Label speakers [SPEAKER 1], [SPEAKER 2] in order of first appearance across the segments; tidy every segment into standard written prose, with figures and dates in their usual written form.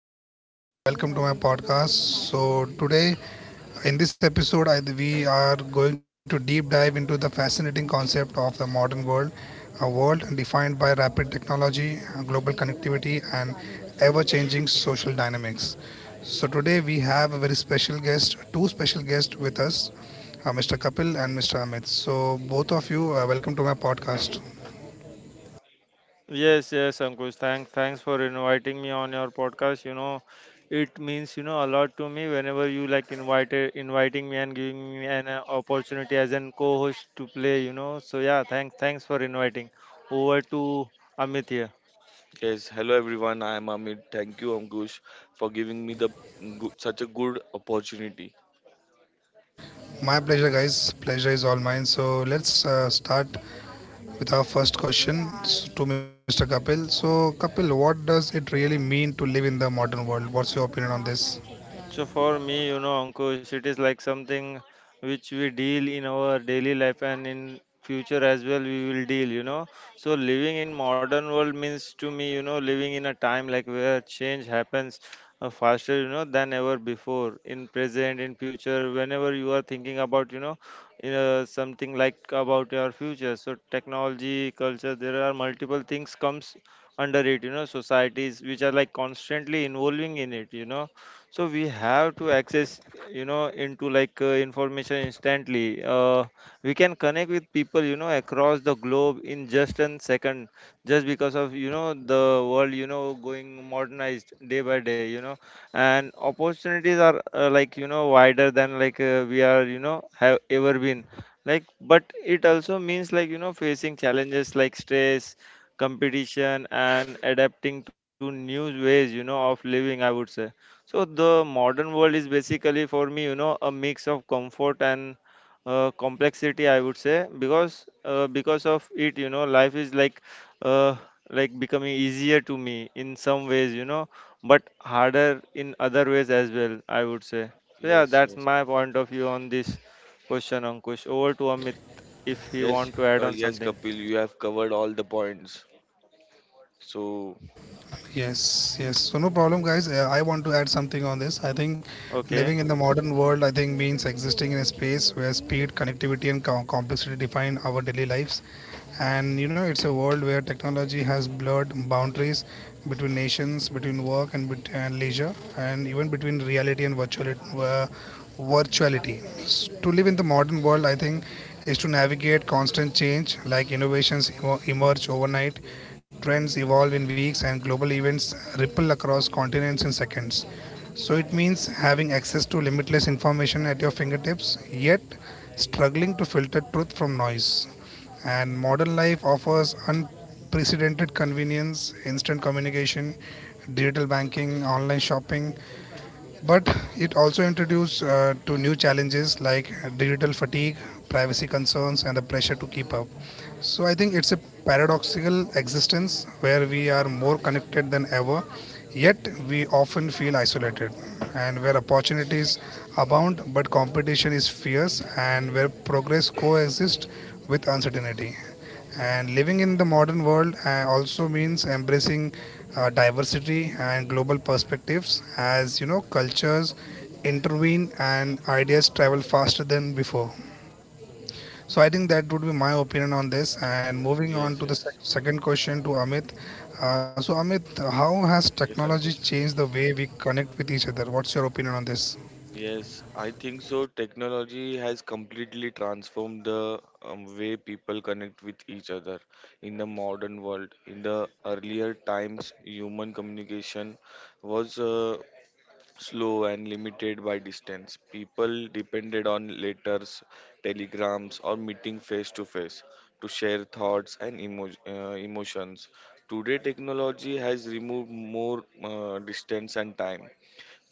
[SPEAKER 1] Good morning, viewers. Welcome to my podcast. So, today in this episode, I, We are going to deep dive into the fascinating concept of the modern world, a world defined by rapid technology, global connectivity, and ever changing social dynamics. So, today we have a very special guest, two special guests with us, Mr. Kapil and Mr. Amit. So, both of you, welcome to my podcast.
[SPEAKER 2] Yes, yes, Ankush. Thanks for inviting me on your podcast. It means a lot to me whenever you like invited inviting me and giving me an opportunity as an co-host to play. So yeah, thanks for inviting. Over to Amit here.
[SPEAKER 3] Yes, hello everyone. I am Amit. Thank you, Ankush, for giving me the such a good opportunity.
[SPEAKER 1] My pleasure, guys. Pleasure is all mine. So, let's start with our first question to Mr. Kapil. So, Kapil, what does it really mean to live in the modern world? What's your opinion on this?
[SPEAKER 2] So for me, Ankush, it is like something which we deal in our daily life and in future as well we will deal, So living in modern world means to me, living in a time like where change happens faster, than ever before. In present, in future, whenever you are thinking about, in something like about your future. So technology, culture, there are multiple things comes under it, societies which are like constantly involving in it, so we have to access into like information instantly we can connect with people across the globe in just an second just because of the world going modernized day by day and opportunities are like wider than like we are have ever been like, but it also means like facing challenges like stress, competition, and adapting to new ways of living, I would say. So the modern world is basically for me, a mix of comfort and complexity, I would say, because of it, life is uh, like becoming easier to me in some ways, but harder in other ways as well, I would say. So yeah,
[SPEAKER 3] Yes,
[SPEAKER 2] that's
[SPEAKER 3] yes,
[SPEAKER 2] my point of view on this question, Ankush. Over to Amit if he
[SPEAKER 3] yes,
[SPEAKER 2] want to add on
[SPEAKER 3] yes,
[SPEAKER 2] something.
[SPEAKER 3] Kapil. You have covered all the points. So
[SPEAKER 1] Yes, yes. So no problem, guys. I want to add something on this. I think
[SPEAKER 2] Okay.
[SPEAKER 1] living in the modern world, I think means existing in a space where speed, connectivity, and complexity define our daily lives. And you know, it's a world where technology has blurred boundaries between nations, between work and, and leisure, and even between reality and virtuality. To live in the modern world, I think is to navigate constant change, like innovations emerge overnight. Trends evolve in weeks and global events ripple across continents in seconds. So it means having access to limitless information at your fingertips, yet struggling to filter truth from noise. And modern life offers unprecedented convenience, instant communication, digital banking, online shopping, but it also introduces to new challenges like digital fatigue, privacy concerns, and the pressure to keep up. So I think it's a paradoxical existence where we are more connected than ever, yet we often feel isolated, and where opportunities abound but competition is fierce, and where progress coexists with uncertainty. And living in the modern world also means embracing diversity and global perspectives as you know cultures intervene and ideas travel faster than before. So I think that would be my opinion on this. And moving on
[SPEAKER 3] yes,
[SPEAKER 1] to the
[SPEAKER 3] yes,
[SPEAKER 1] second question to Amit. So Amit, how has
[SPEAKER 3] yes,
[SPEAKER 1] technology
[SPEAKER 3] Ankush.
[SPEAKER 1] changed the way we connect with each other? What's your opinion on this?
[SPEAKER 3] Yes, I think so. Technology has completely transformed the way people connect with each other in the modern world. In the earlier times, human communication was slow and limited by distance. People depended on letters, telegrams, or meeting face to face to share thoughts and emotions. Today, technology has removed more distance and time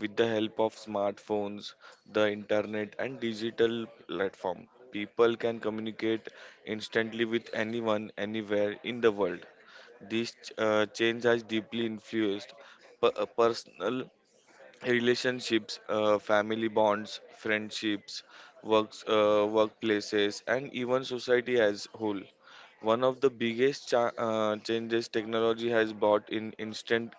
[SPEAKER 3] with the help of smartphones, the internet, and digital platform. People can communicate instantly with anyone, anywhere in the world. This change has deeply influenced personal relationships, family bonds, friendships, workplaces, and even society as whole. One of the biggest changes technology has brought in instant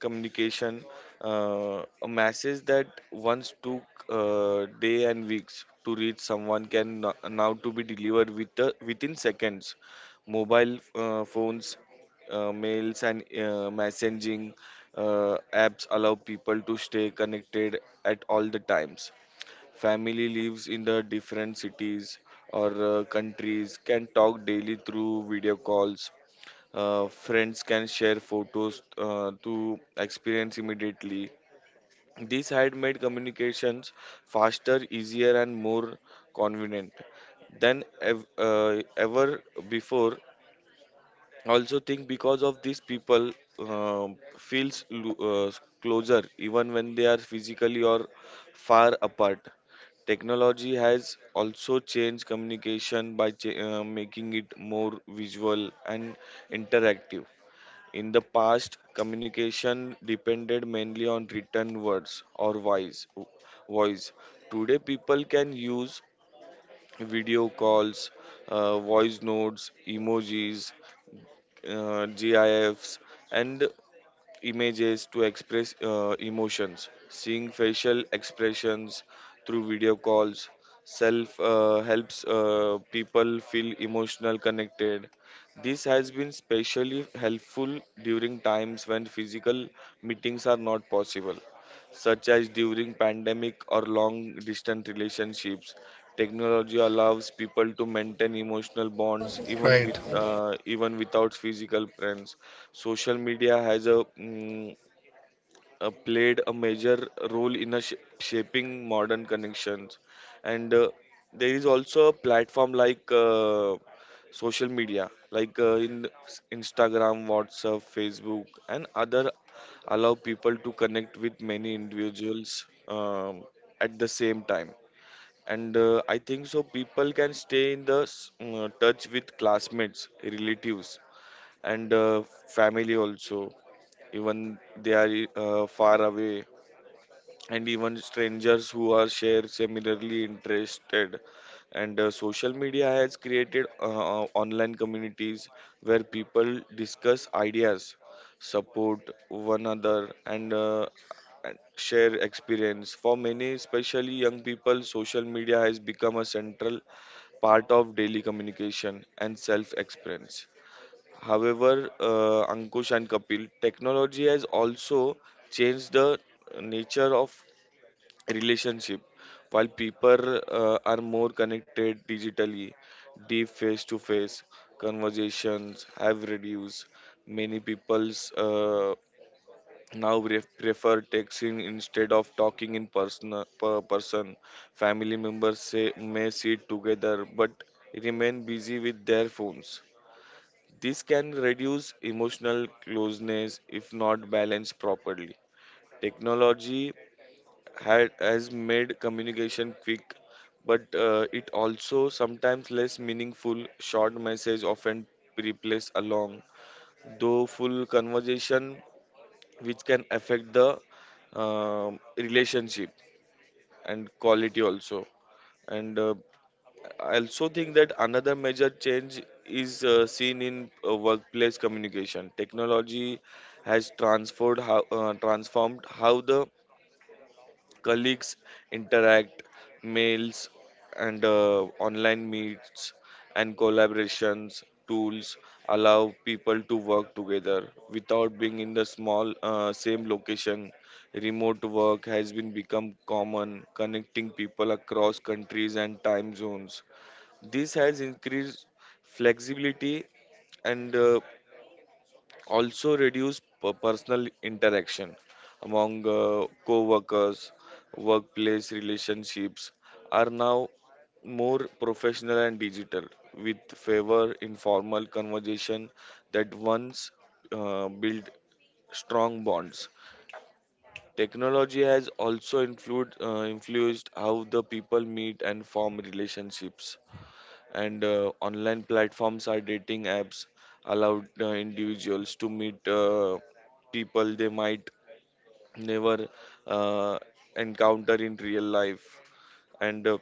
[SPEAKER 3] communication, a message that once took day and weeks to reach someone can now to be delivered within seconds. Mobile phones, mails, and messaging apps allow people to stay connected at all the times. Family lives in the different cities or countries can talk daily through video calls. Friends can share photos to experience immediately. This had made communications faster, easier, and more convenient than ever before. I also think because of these people feels closer even when they are physically or far apart. Technology has also changed communication by making it more visual and interactive. In the past, communication depended mainly on written words or voice. Today, people can use video calls, voice notes, emojis, GIFs, and images to express emotions, seeing facial expressions through video calls self helps people feel emotional connected. This has been specially helpful during times when physical meetings are not possible, such as during pandemic or long distance relationships. Technology allows people to maintain emotional bonds
[SPEAKER 1] Right.
[SPEAKER 3] even without physical friends. Social media has played a major role in shaping modern connections, and there is also a platform like social media, like in Instagram, WhatsApp, Facebook, and other allow people to connect with many individuals at the same time, and I think so people can stay in the touch with classmates, relatives, and family also, even they are far away, and even strangers who are share similarly interested. And social media has created online communities where people discuss ideas, support one another, and and share experience. For many, especially young people, social media has become a central part of daily communication and self expression. However, Ankush and Kapil, technology has also changed the nature of relationship. While people are more connected digitally, deep face-to-face conversations have reduced. Many people's now prefer texting instead of talking in person. Per person, family members say, may sit together but remain busy with their phones. This can reduce emotional closeness if not balanced properly. Technology has made communication quick, but it also sometimes less meaningful. Short message often replace a long, though full conversation, which can affect the relationship and quality also. And I also think that another major change is seen in workplace communication. Technology has transformed how the colleagues interact, mails and online meets and collaborations tools allow people to work together without being in the small same location. Remote work has been become common, connecting people across countries and time zones. This has increased flexibility and also reduced personal interaction among co-workers. Workplace relationships are now more professional and digital, with favor informal conversation that once built strong bonds. Technology has also influenced how the people meet and form relationships, and online platforms are dating apps allowed individuals to meet people they might never uh, encounter in real life. And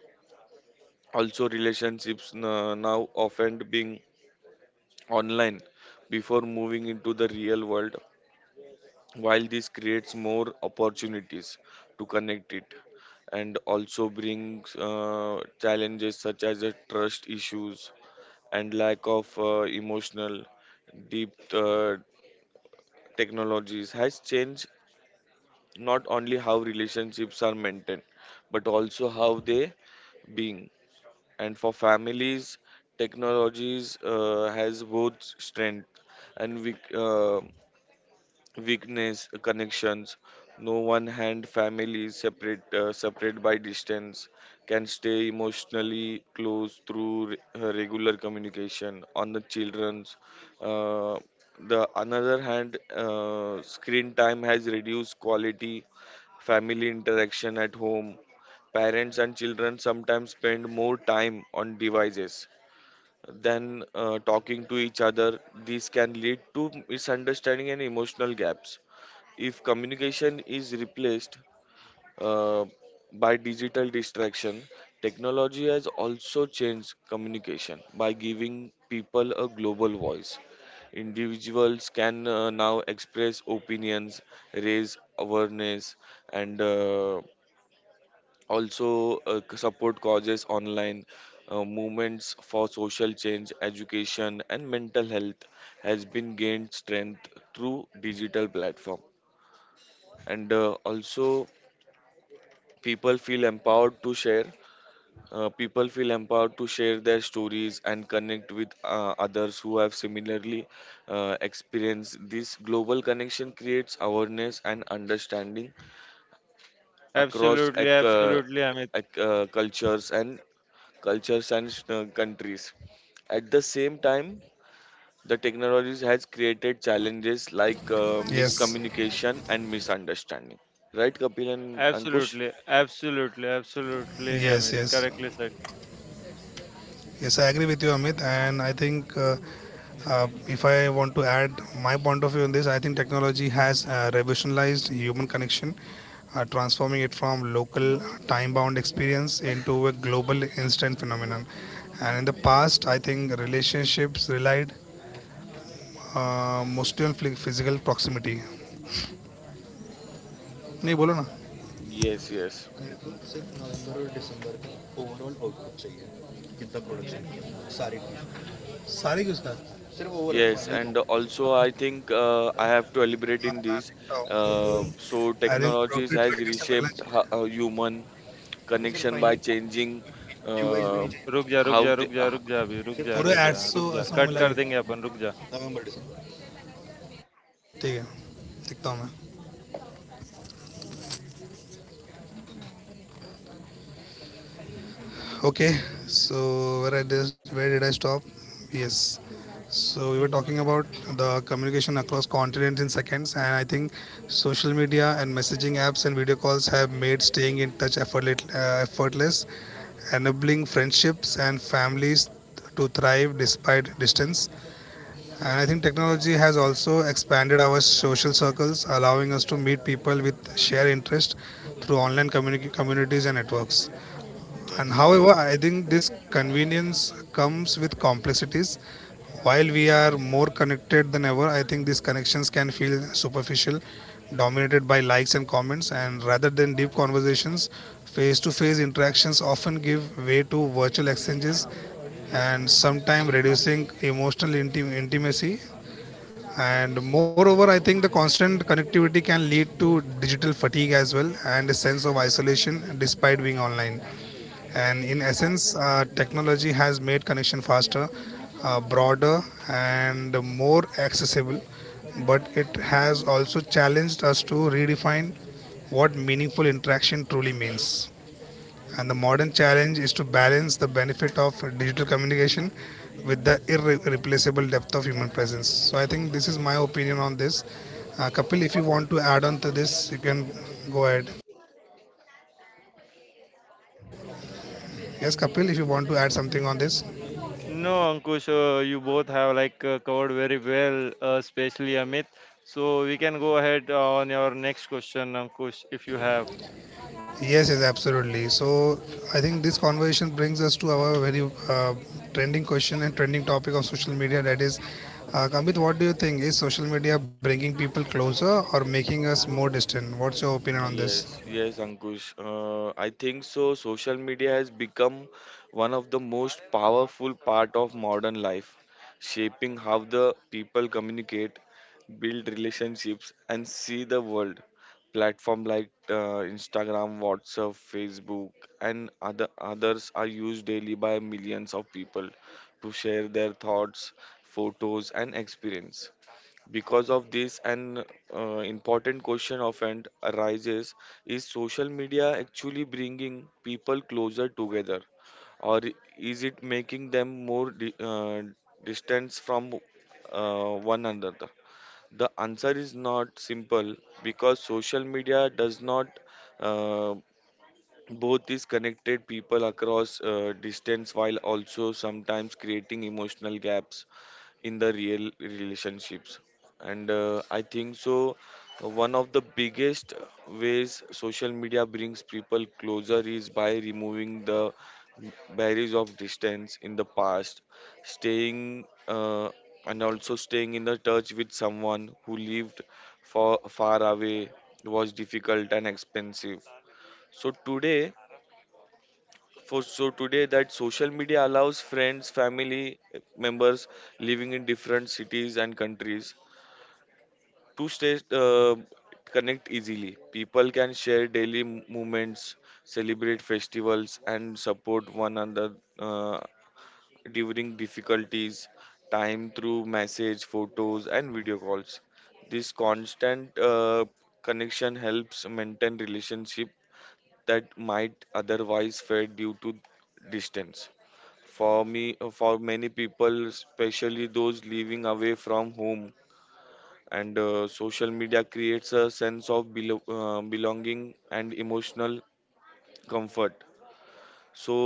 [SPEAKER 3] also relationships now often being online before moving into the real world. While this creates more opportunities to connect it, and also brings challenges such as trust issues and lack of emotional deep technologies has changed not only how relationships are maintained but also how they being. And for families, technologies has both strength and weakness connections. No one hand, families separate by distance can stay emotionally close through regular communication on the children's. uh, the another hand, screen time has reduced quality family interaction at home. Parents and children sometimes spend more time on devices than talking to each other. This can lead to misunderstanding and emotional gaps if communication is replaced uh, by digital distraction. Technology has also changed communication by giving people a global voice. Individuals can now express opinions, raise awareness, and also support causes online. Movements for social change, education, and mental health has been gained strength through digital platform, and also People feel empowered to share. People feel empowered to share their stories and connect with others who have similarly experienced. This global connection creates awareness and understanding across
[SPEAKER 2] Absolutely, absolutely, Amit.
[SPEAKER 3] ec- uh, cultures and cultures and countries. At the same time, the technologies has created challenges like
[SPEAKER 1] Yes.
[SPEAKER 3] miscommunication and misunderstanding, right, Kapil and Ankush?
[SPEAKER 2] Absolutely, absolutely, absolutely, Amit.
[SPEAKER 1] Yes. Yes.
[SPEAKER 2] Correctly said.
[SPEAKER 1] Yes, I agree with you, Amit. And I think if I want to add my point of view on this, I think technology has revolutionized human connection, transforming it from local time-bound experience into a global instant phenomenon. And in the past, I think relationships relied mostly on physical proximity. नहीं बोलो ना.
[SPEAKER 3] Yes, yes. Yes, and also I think I have to elaborate
[SPEAKER 1] हाँ,
[SPEAKER 3] in
[SPEAKER 1] हाँ,
[SPEAKER 3] this.
[SPEAKER 1] देखता हूँ.
[SPEAKER 3] So
[SPEAKER 1] I think
[SPEAKER 3] technologies
[SPEAKER 1] product
[SPEAKER 3] has
[SPEAKER 1] tracker से मिलना
[SPEAKER 3] reshaped
[SPEAKER 1] चाहिए.
[SPEAKER 3] human connection by changing uh,
[SPEAKER 2] रुक जा, रुक
[SPEAKER 3] how
[SPEAKER 2] जा,
[SPEAKER 3] they.
[SPEAKER 2] रुक जा, रुक जा अभी, रुक जा,
[SPEAKER 1] पूरे
[SPEAKER 2] रुक जा,
[SPEAKER 1] एड्स तो
[SPEAKER 2] रुक जा,
[SPEAKER 1] ऐसा हूँ
[SPEAKER 2] कट
[SPEAKER 1] मिला के.
[SPEAKER 2] कर देंगे अपन, रुक जा.
[SPEAKER 1] ठीक है. दिखता हूँ मैं. Okay. So where Where did I stop? Yes. So we were talking about the communication across continents in seconds, and I think social media and messaging apps and video calls have made staying in touch effortless, enabling friendships and families to thrive despite distance. And I think technology has also expanded our social circles, allowing us to meet people with shared interest through communities and networks. And
[SPEAKER 3] Yes.
[SPEAKER 1] however, I think this convenience comes with complexities. While we are more connected than ever, I think these connections can feel superficial, dominated by likes and comments, and rather than deep conversations, face to face interactions often give way to virtual exchanges and sometimes reducing emotional intimacy. And moreover, I think the constant connectivity can lead to digital fatigue as well and a sense of isolation despite being online. And in essence, technology has made connection faster, broader, and more accessible. But it has also challenged us to redefine what meaningful interaction truly means. And the modern challenge is to balance the benefit of digital communication with the irreplaceable depth of human presence. So I think this is my opinion on this. Kapil, if you want to add on to this, you can go ahead. Yes, Kapil, if you want to add something on this.
[SPEAKER 2] No, Ankush, you both have like covered very well, especially Amit. So we can go ahead on your next question, Ankush, if you have.
[SPEAKER 1] Yes, yes, absolutely. So I think this conversation brings us to our very uh, trending question and trending topic of social media. That is, Kamit, what do you think? Is social media bringing people closer or making us more distant? What's your opinion on this?
[SPEAKER 3] Yes, yes, Ankush. I think so. Social media has become one of the most powerful part of modern life, shaping how the people communicate, build relationships, and see the world. Platform like Instagram, WhatsApp, Facebook, and other others are used daily by millions of people to share their thoughts, photos, and experience. Because of this, an important question often arises: is social media actually bringing people closer together, or is it making them more distance from one another? The answer is not simple because social media does not uh, both is connected people across distance while also sometimes creating emotional gaps in the real relationships. And I think so one of the biggest ways social media brings people closer is by removing the barriers of distance. In the past, staying uh, and also staying in the touch with someone who lived far, far away was difficult and expensive. So today, for so today that social media allows friends, family members living in different cities and countries to stay connect easily. People can share daily moments, celebrate festivals, and support one another during difficulties time through message, photos, and video calls. This constant connection helps maintain relationship that might otherwise fade due to distance. For many people, especially those living away from home, and social media creates a sense of belonging and emotional comfort. So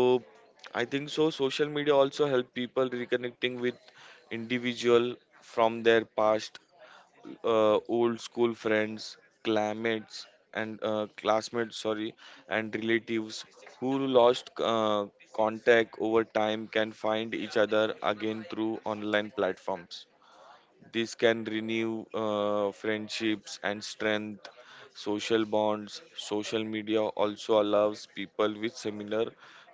[SPEAKER 3] I think so social media also help people reconnecting with individual from their past, old school friends, classmates, classmates, sorry, and relatives who lost contact over time can find each other again through online platforms. This can renew friendships and strength social bonds. Social media also allows people with similar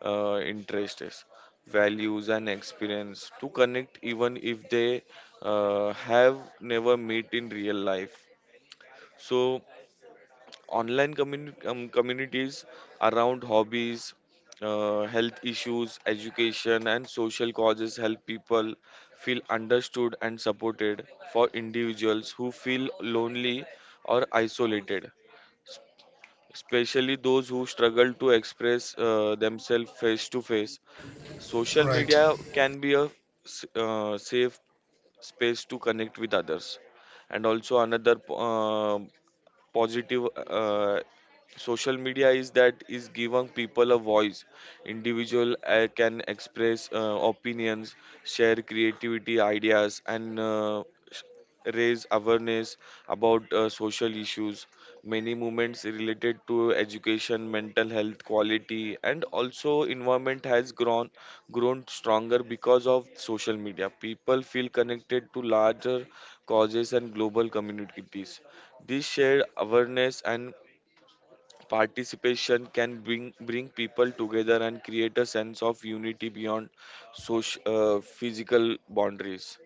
[SPEAKER 3] interests, values, and experience to connect even if they have never met in real life. So, online communities around hobbies, health issues, education, and social causes help people feel understood and supported. For individuals who feel lonely or isolated, especially those who struggle to express themselves face to face, social media
[SPEAKER 1] Right.
[SPEAKER 3] can be a safe space to connect with others. And also another positive uh, social media is that is giving people a voice. Individual can express opinions, share creativity ideas, and raise awareness about social issues. Many movements related to education, mental health quality, and also environment has grown stronger because of social media. People feel connected to larger causes and global communities. This shared awareness and participation can bring people together and create a sense of unity beyond physical boundaries.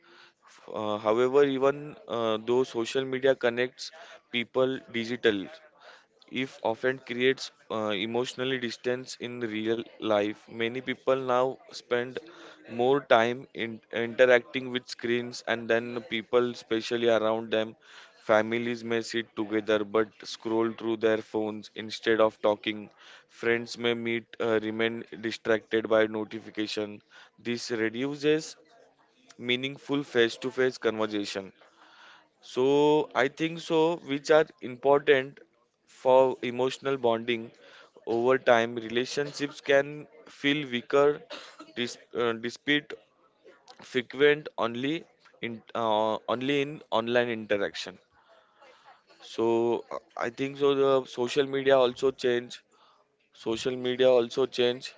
[SPEAKER 3] However, even though social media connects people digitally, if often creates emotionally distance in real life. Many people now spend more time in interacting with screens and then people especially around them. Families may sit together but scroll through their phones instead of talking. Friends may meet remain distracted by notification. This reduces meaningful face to face conversation, so I think so, which are important for emotional bonding over time. Relationships can feel weaker, despite frequent only in online interaction. So I think so. The social media also change. Social media also change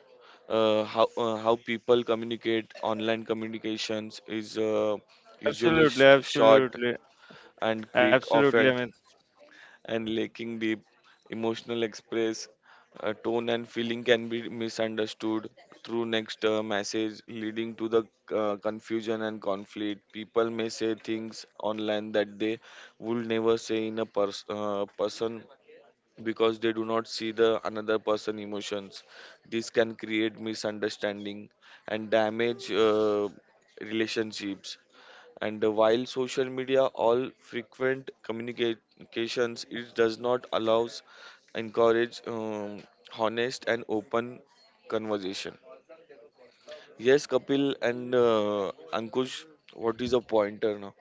[SPEAKER 3] how how people communicate. Online communications is usually
[SPEAKER 2] Absolutely,
[SPEAKER 3] short
[SPEAKER 2] absolutely,
[SPEAKER 3] and quick,
[SPEAKER 2] absolutely,
[SPEAKER 3] often
[SPEAKER 2] Amit.
[SPEAKER 3] and lacking deep emotional express, tone and feeling can be misunderstood through next message, leading to the confusion and conflict. People may say things online that they would never say in a person, because they do not see the another person emotions. This can create misunderstanding and damage relationships. And while social media all frequent communications, it does not allows encourage honest and open conversation. Yes, Kapil and Ankush, what is a pointer now?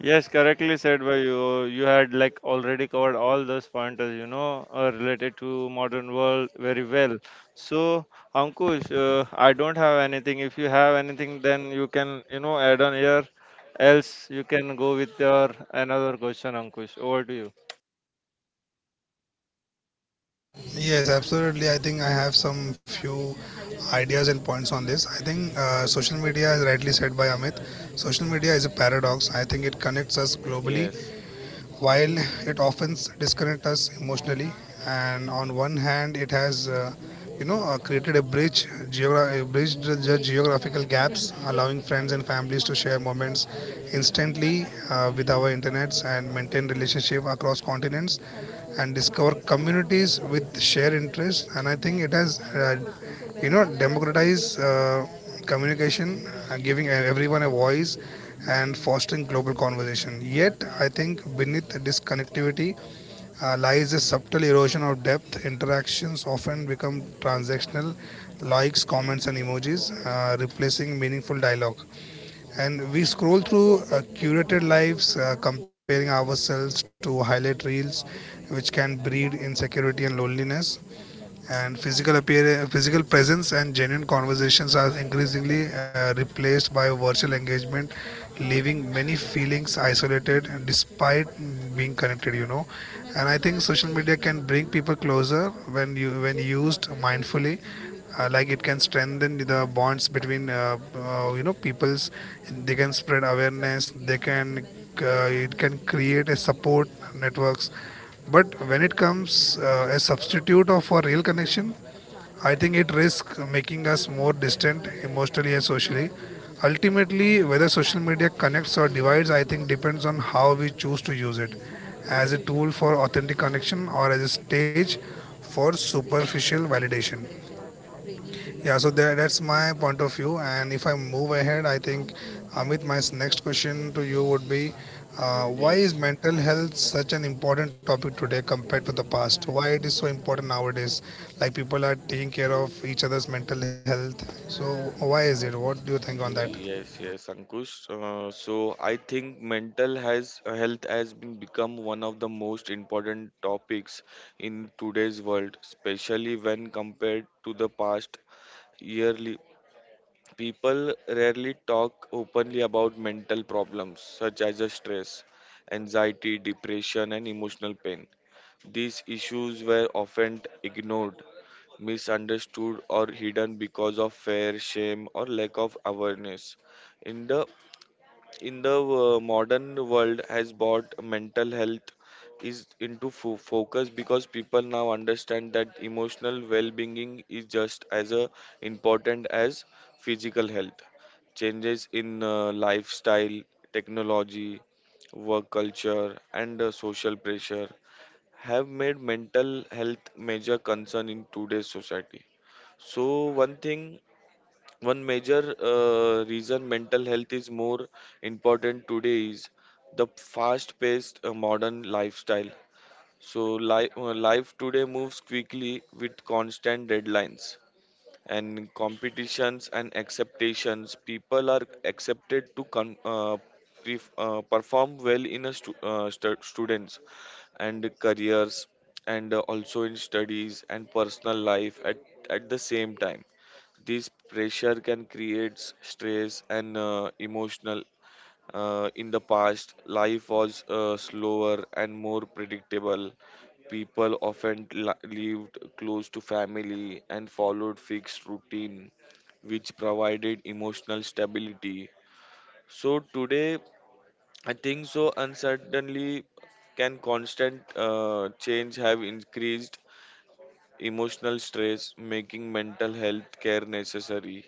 [SPEAKER 2] Yes, correctly said by you. You had like already covered all those pointers, related to modern world very well. So, Ankush, I don't have anything. If you have anything, then you can, add on here. Else, you can go with your another question, Ankush. Over to you.
[SPEAKER 1] Yes, absolutely. I think I have some few ideas and points on this. I think social media, as rightly said by Amit, social media is a paradox. I think it connects us globally
[SPEAKER 3] Yes,
[SPEAKER 1] while it often disconnects us emotionally. And on one hand it has, created a bridge, bridged the geographical gaps, allowing friends and families to share moments instantly, with our internets, and maintain relationship across continents and discover communities with shared interests. And I think it has, democratized communication, giving everyone a voice and fostering global conversation. Yet, I think beneath this connectivity lies a subtle erosion of depth. Interactions often become transactional, likes, comments, and emojis, replacing meaningful dialogue. And we scroll through curated lives, comparing ourselves to highlight reels, which can breed insecurity and loneliness. And physical presence and genuine conversations are increasingly replaced by virtual engagement, leaving many feelings isolated and despite being connected, you know. And I think social media can bring people closer when used mindfully. Like, it can strengthen the bonds between you know, peoples, they can spread awareness, they can, it can create a support networks. But when it comes a substitute of a real connection, I think it risks making us more distant emotionally and socially. Ultimately, whether social media connects or divides, I think depends on how we choose to use it as a tool for authentic connection or as a stage for superficial validation. Yeah, so that's my point of view. And if I move ahead, I think, Amit, my next question to you would be, why is
[SPEAKER 3] yes,
[SPEAKER 1] mental health such an important topic today compared to the past? Why it is so important nowadays? Like, people are taking care of each other's mental health. So why is it? What do you think on that?
[SPEAKER 3] yes, Ankush. So I think mental has health has been become one of the most important topics in today's world, especially when compared to the past yearly. People rarely talk openly about mental problems such as the stress, anxiety, depression, and emotional pain. These issues were often ignored, misunderstood, or hidden because of fear, shame, or lack of awareness. In the in the modern world has brought mental health is into focus because people now understand that emotional well-being is just as important as physical health. Changes in lifestyle, technology, work culture and social pressure have made mental health major concern in today's society. So one major reason mental health is more important today is the fast-paced modern lifestyle. So life today moves quickly with constant deadlines and competitions and expectations. People are accepted to perform well in a students and careers and also in studies and personal life at the same time. This pressure can create stress and emotional. In the past life was slower and more predictable. People often lived close to family and followed fixed routine, which provided emotional stability. So today, I think so. And certainly, can constant change have increased emotional stress, making mental health care necessary?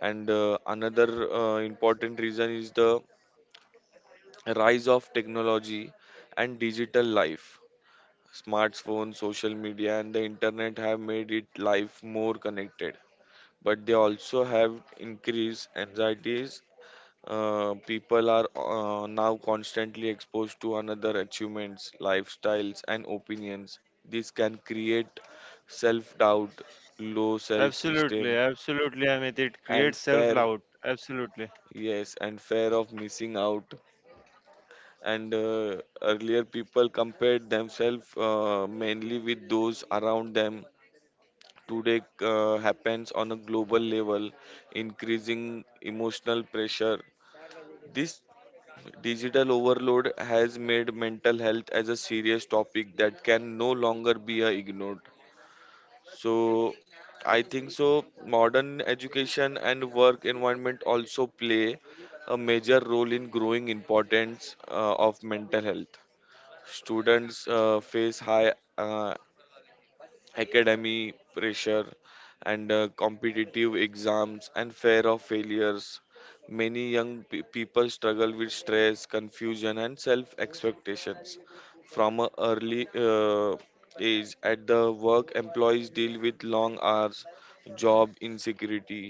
[SPEAKER 3] And another important reason is the rise of technology and digital life. Smartphones, social media, and the internet have made it life more connected, but they also have increased anxieties. People are now constantly exposed to another achievements, lifestyles, and opinions. This can create self doubt, low self esteem,
[SPEAKER 2] Absolutely, absolutely, Amit. It
[SPEAKER 3] and
[SPEAKER 2] creates
[SPEAKER 3] fear.
[SPEAKER 2] self-doubt. Absolutely.
[SPEAKER 3] Yes, and fear of missing out. And earlier, people compared themselves mainly with those around them. Today happens on a global level, increasing emotional pressure. This digital overload has made mental health as a serious topic that can no longer be ignored. So I think so modern education and work environment also play a major role in growing importance of mental health. Students face high academy pressure and competitive exams and fear of failures. Many young people struggle with stress, confusion and self expectations from an early age. At the work, employees deal with long hours, job insecurity,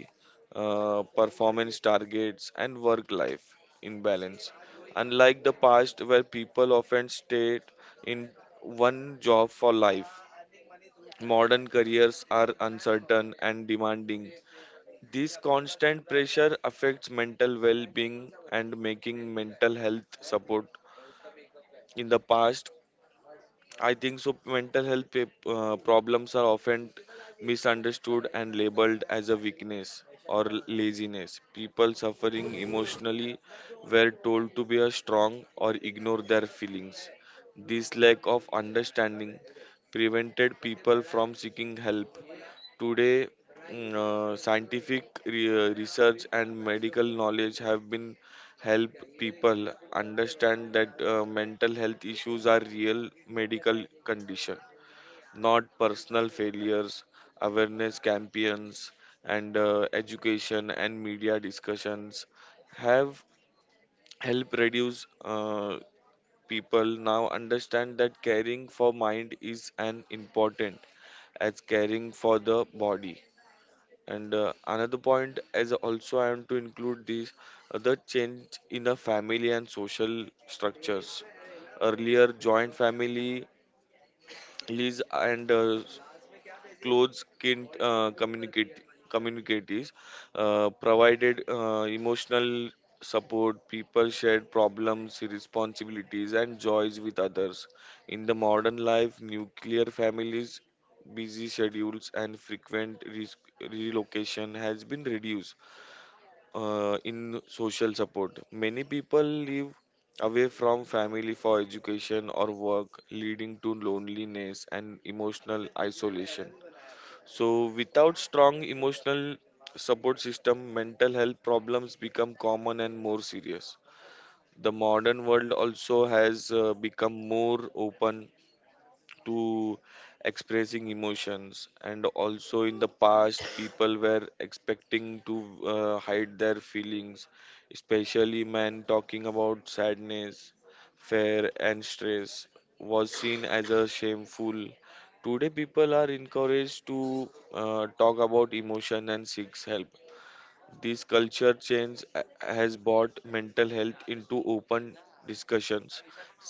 [SPEAKER 3] performance targets and work life imbalance. Unlike the past where people often stayed in one job for life, modern careers are uncertain and demanding. This constant pressure affects mental well being and making mental health support. In the past, I think so mental health problems are often misunderstood and labeled as a weakness or laziness. People suffering emotionally were told to be a strong or ignore their feelings. This lack of understanding prevented people from seeking help. Today, scientific research and medical knowledge have been help people understand that mental health issues are real medical condition, not personal failures. Awareness campaigns and education and media discussions have helped reduce people now understand that caring for mind is an important as caring for the body. And another point is also I want to include this, the change in the family and social structures. Earlier joint family families and close kin communicate communities provided emotional support. People shared problems, responsibilities and joys with others. In the modern life, nuclear families, busy schedules and frequent relocation has been reduced in social support. Many people live away from family for education or work, leading to loneliness and emotional isolation. So, without strong emotional support system, mental health problems become common and more serious. The modern world also has become more open to expressing emotions. And also in the past people were expecting to hide their feelings, especially men. Talking about sadness, fear and stress was seen as a shameful. Today people are encouraged to talk about emotion and seeks help. This culture change has brought mental health into open discussions.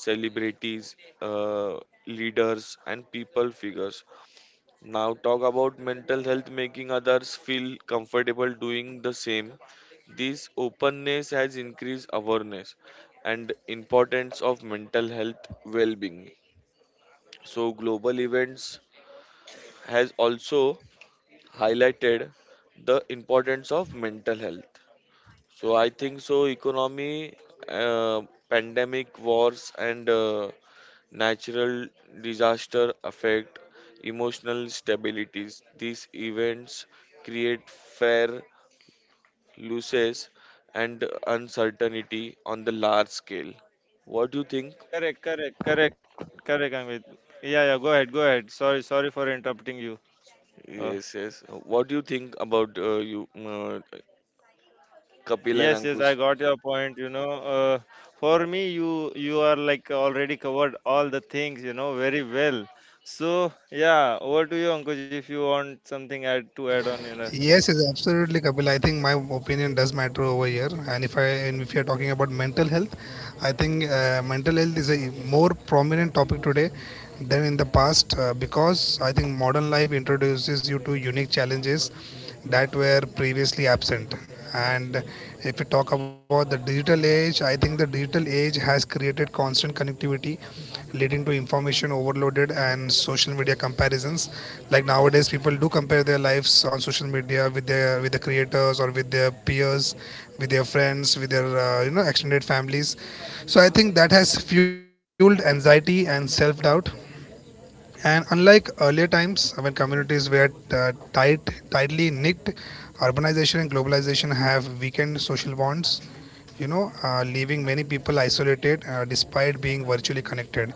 [SPEAKER 3] Celebrities, leaders, and people figures now talk about mental health, making others feel comfortable doing the same. This openness has increased awareness and importance of mental health well-being. So global events has also highlighted the importance of mental health. So I think so economy, uh, pandemic, wars and natural disaster affect emotional stabilities. These events create fair losses and uncertainty on the large scale. What do you think?
[SPEAKER 2] Correct, correct, correct, correct, Amit. Yeah, yeah. Go ahead, go ahead. Sorry for interrupting you. Uh,
[SPEAKER 3] Yes, yes. What do you think about Kapil and
[SPEAKER 2] Yes, yes,
[SPEAKER 3] Ankush?
[SPEAKER 2] I got your point. For me, you are like already covered all the things. You know very well. So yeah, over to you, Ankush. If you want something add on,
[SPEAKER 1] Yes, yes, absolutely, Kapil. I think my opinion does matter over here. And if I, and if you're talking about mental health, I think mental health is a more prominent topic today than in the past, because I think modern life introduces you to unique challenges that were previously absent. And if we talk about the digital age, I think the digital age has created constant connectivity leading to information overloaded and social media comparisons, like nowadays people do compare their lives on social media with their, with the creators, or with their peers, with their friends, with their you know, extended families. So I think that has fueled anxiety and self doubt. And unlike earlier times when communities were tightly knit, urbanization and globalization have weakened social bonds, you know, leaving many people isolated despite being virtually connected.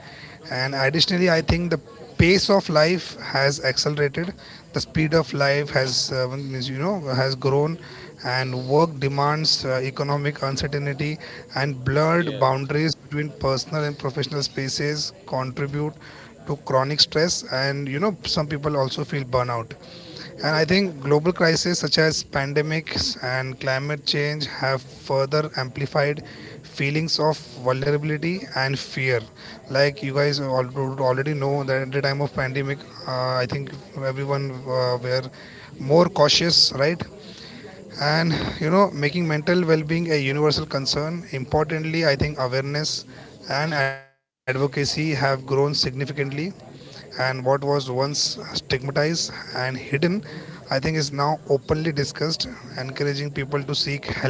[SPEAKER 1] And additionally I think the pace of life has accelerated the speed of life has, you know, has grown, and work demands, economic uncertainty and
[SPEAKER 3] Yeah,
[SPEAKER 1] blurred boundaries between personal and professional spaces contribute to chronic stress, and you know, some people also feel burnout. And I think global crises such as pandemics and climate change have further amplified feelings of vulnerability and fear. Like you guys would already know that at the time of pandemic, I think everyone were more cautious, right? And you know, making mental well-being a universal concern. Importantly, I think awareness and advocacy have grown significantly, and what was once stigmatized and hidden, I think, is now openly discussed, encouraging people to seek help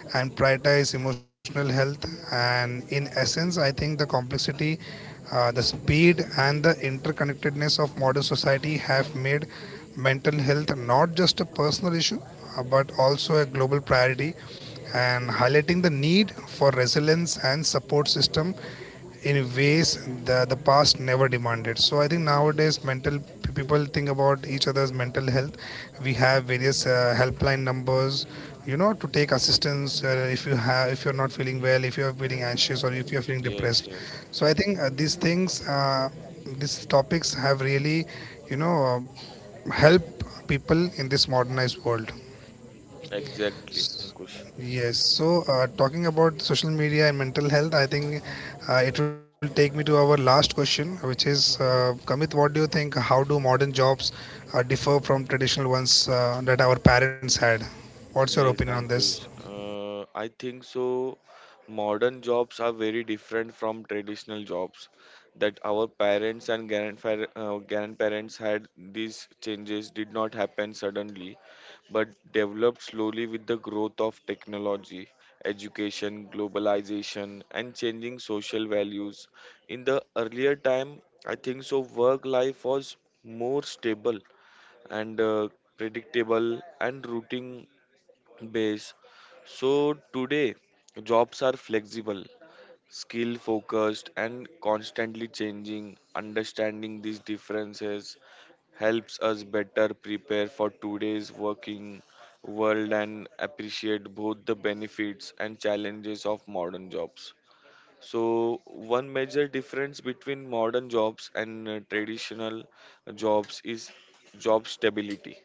[SPEAKER 1] and prioritize emotional health. And in essence, I think the complexity, the speed and the interconnectedness of modern society have made mental health not just a personal issue, but also a global priority, and highlighting the need for resilience and support system in ways that the past never demanded. So I think nowadays mental people think about each other's mental health. We have various helpline numbers, you know, to take assistance if you're not feeling well, if you're feeling anxious or if you're feeling
[SPEAKER 3] yes,
[SPEAKER 1] depressed.
[SPEAKER 3] yes.
[SPEAKER 1] So I think these things, these topics have really, you know, help people in this modernized world.
[SPEAKER 3] Exactly,
[SPEAKER 1] S-
[SPEAKER 3] Ankush.
[SPEAKER 1] Yes, so talking about social media and mental health, I think it will take me to our last question, which is, Kamit, what do you think? How do modern jobs differ from traditional ones that our parents had? What's your
[SPEAKER 3] Yes,
[SPEAKER 1] opinion on this?
[SPEAKER 3] Ankush. I think so. Modern jobs are very different from traditional jobs that our parents and grandparents had. These changes did not happen suddenly, but developed slowly with the growth of technology, education, globalization, and changing social values. In the earlier time, I think so work life was more stable and predictable and routine base. So today, jobs are flexible, skill focused, and constantly changing. Understanding these differences helps us better prepare for today's working world and appreciate both the benefits and challenges of modern jobs. So, one major difference between modern jobs and traditional jobs is job stability.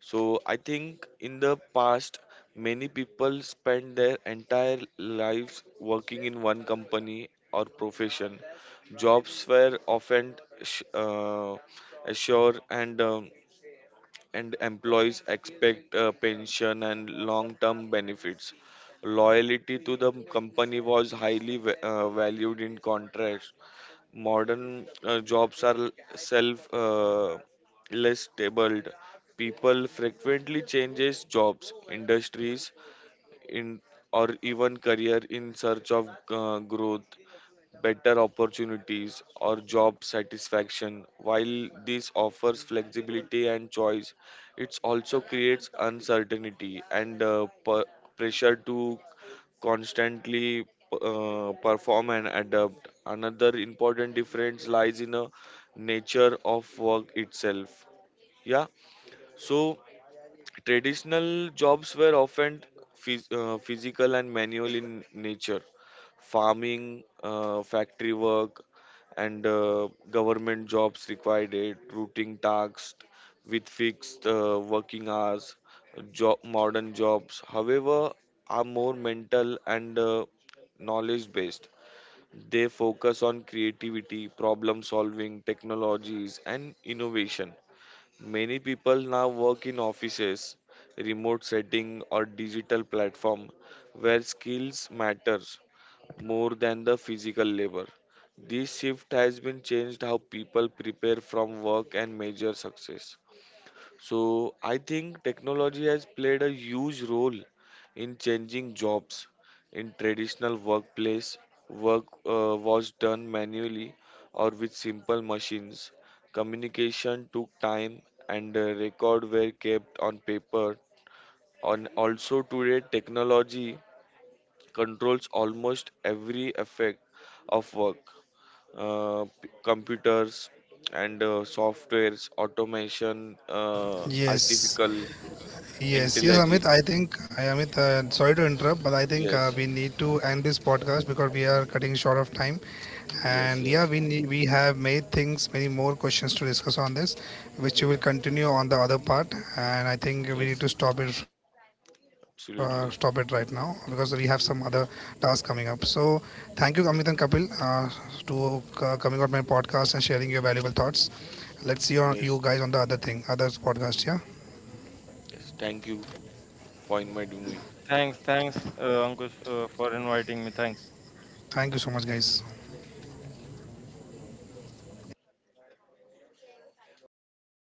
[SPEAKER 3] So I think in the past, many people spend their entire lives working in one company or profession. Jobs were often sh- uh, assured and employees expect pension and long-term benefits. Loyalty to the company was highly valued in contracts. Modern jobs are self less stable. People frequently changes jobs, industries, in or even career in search of growth, better opportunities or job satisfaction. While this offers flexibility and choice, it also creates uncertainty and pressure to constantly perform and adapt. Another important difference lies in a nature of work itself. Yeah, so traditional jobs were often physical and manual in nature. Farming, factory work, and government jobs required it, routine tasks with fixed working hours, job. Modern jobs, however, are more mental and knowledge based. They focus on creativity, problem solving, technologies, and innovation. Many people now work in offices, remote setting, or digital platform where skills matter more than the physical labor. This shift has been changed how people prepare from work and measure success. So I think technology has played a huge role in changing jobs. In traditional workplace, work was done manually or with simple machines. Communication took time and record were kept on paper. On also today technology controls almost every effect of work, computers and softwares, automation,
[SPEAKER 1] Yes,
[SPEAKER 3] artificial
[SPEAKER 1] yes, yes,
[SPEAKER 3] intelligence.
[SPEAKER 1] Amit. Amit, sorry to interrupt, but I think
[SPEAKER 3] Yes.
[SPEAKER 1] we need to end this podcast because we are cutting short of time.
[SPEAKER 3] yes
[SPEAKER 1] And yeah,
[SPEAKER 3] yes
[SPEAKER 1] we have made things many more questions to discuss on this, which we will continue on the other part. And I think we need
[SPEAKER 3] yes
[SPEAKER 1] to
[SPEAKER 3] ex-
[SPEAKER 1] stop it right now because
[SPEAKER 3] Absolutely.
[SPEAKER 1] we have some other tasks coming up. So thank you, Amit and Kapil, to coming on my podcast and sharing your valuable thoughts. Let's see you, guys
[SPEAKER 3] Yes,
[SPEAKER 1] on the other podcast. Yeah,
[SPEAKER 3] yes, thank you for inviting me.
[SPEAKER 2] Thanks, Ankush, for inviting me. Thanks.
[SPEAKER 1] thank you so much, guys.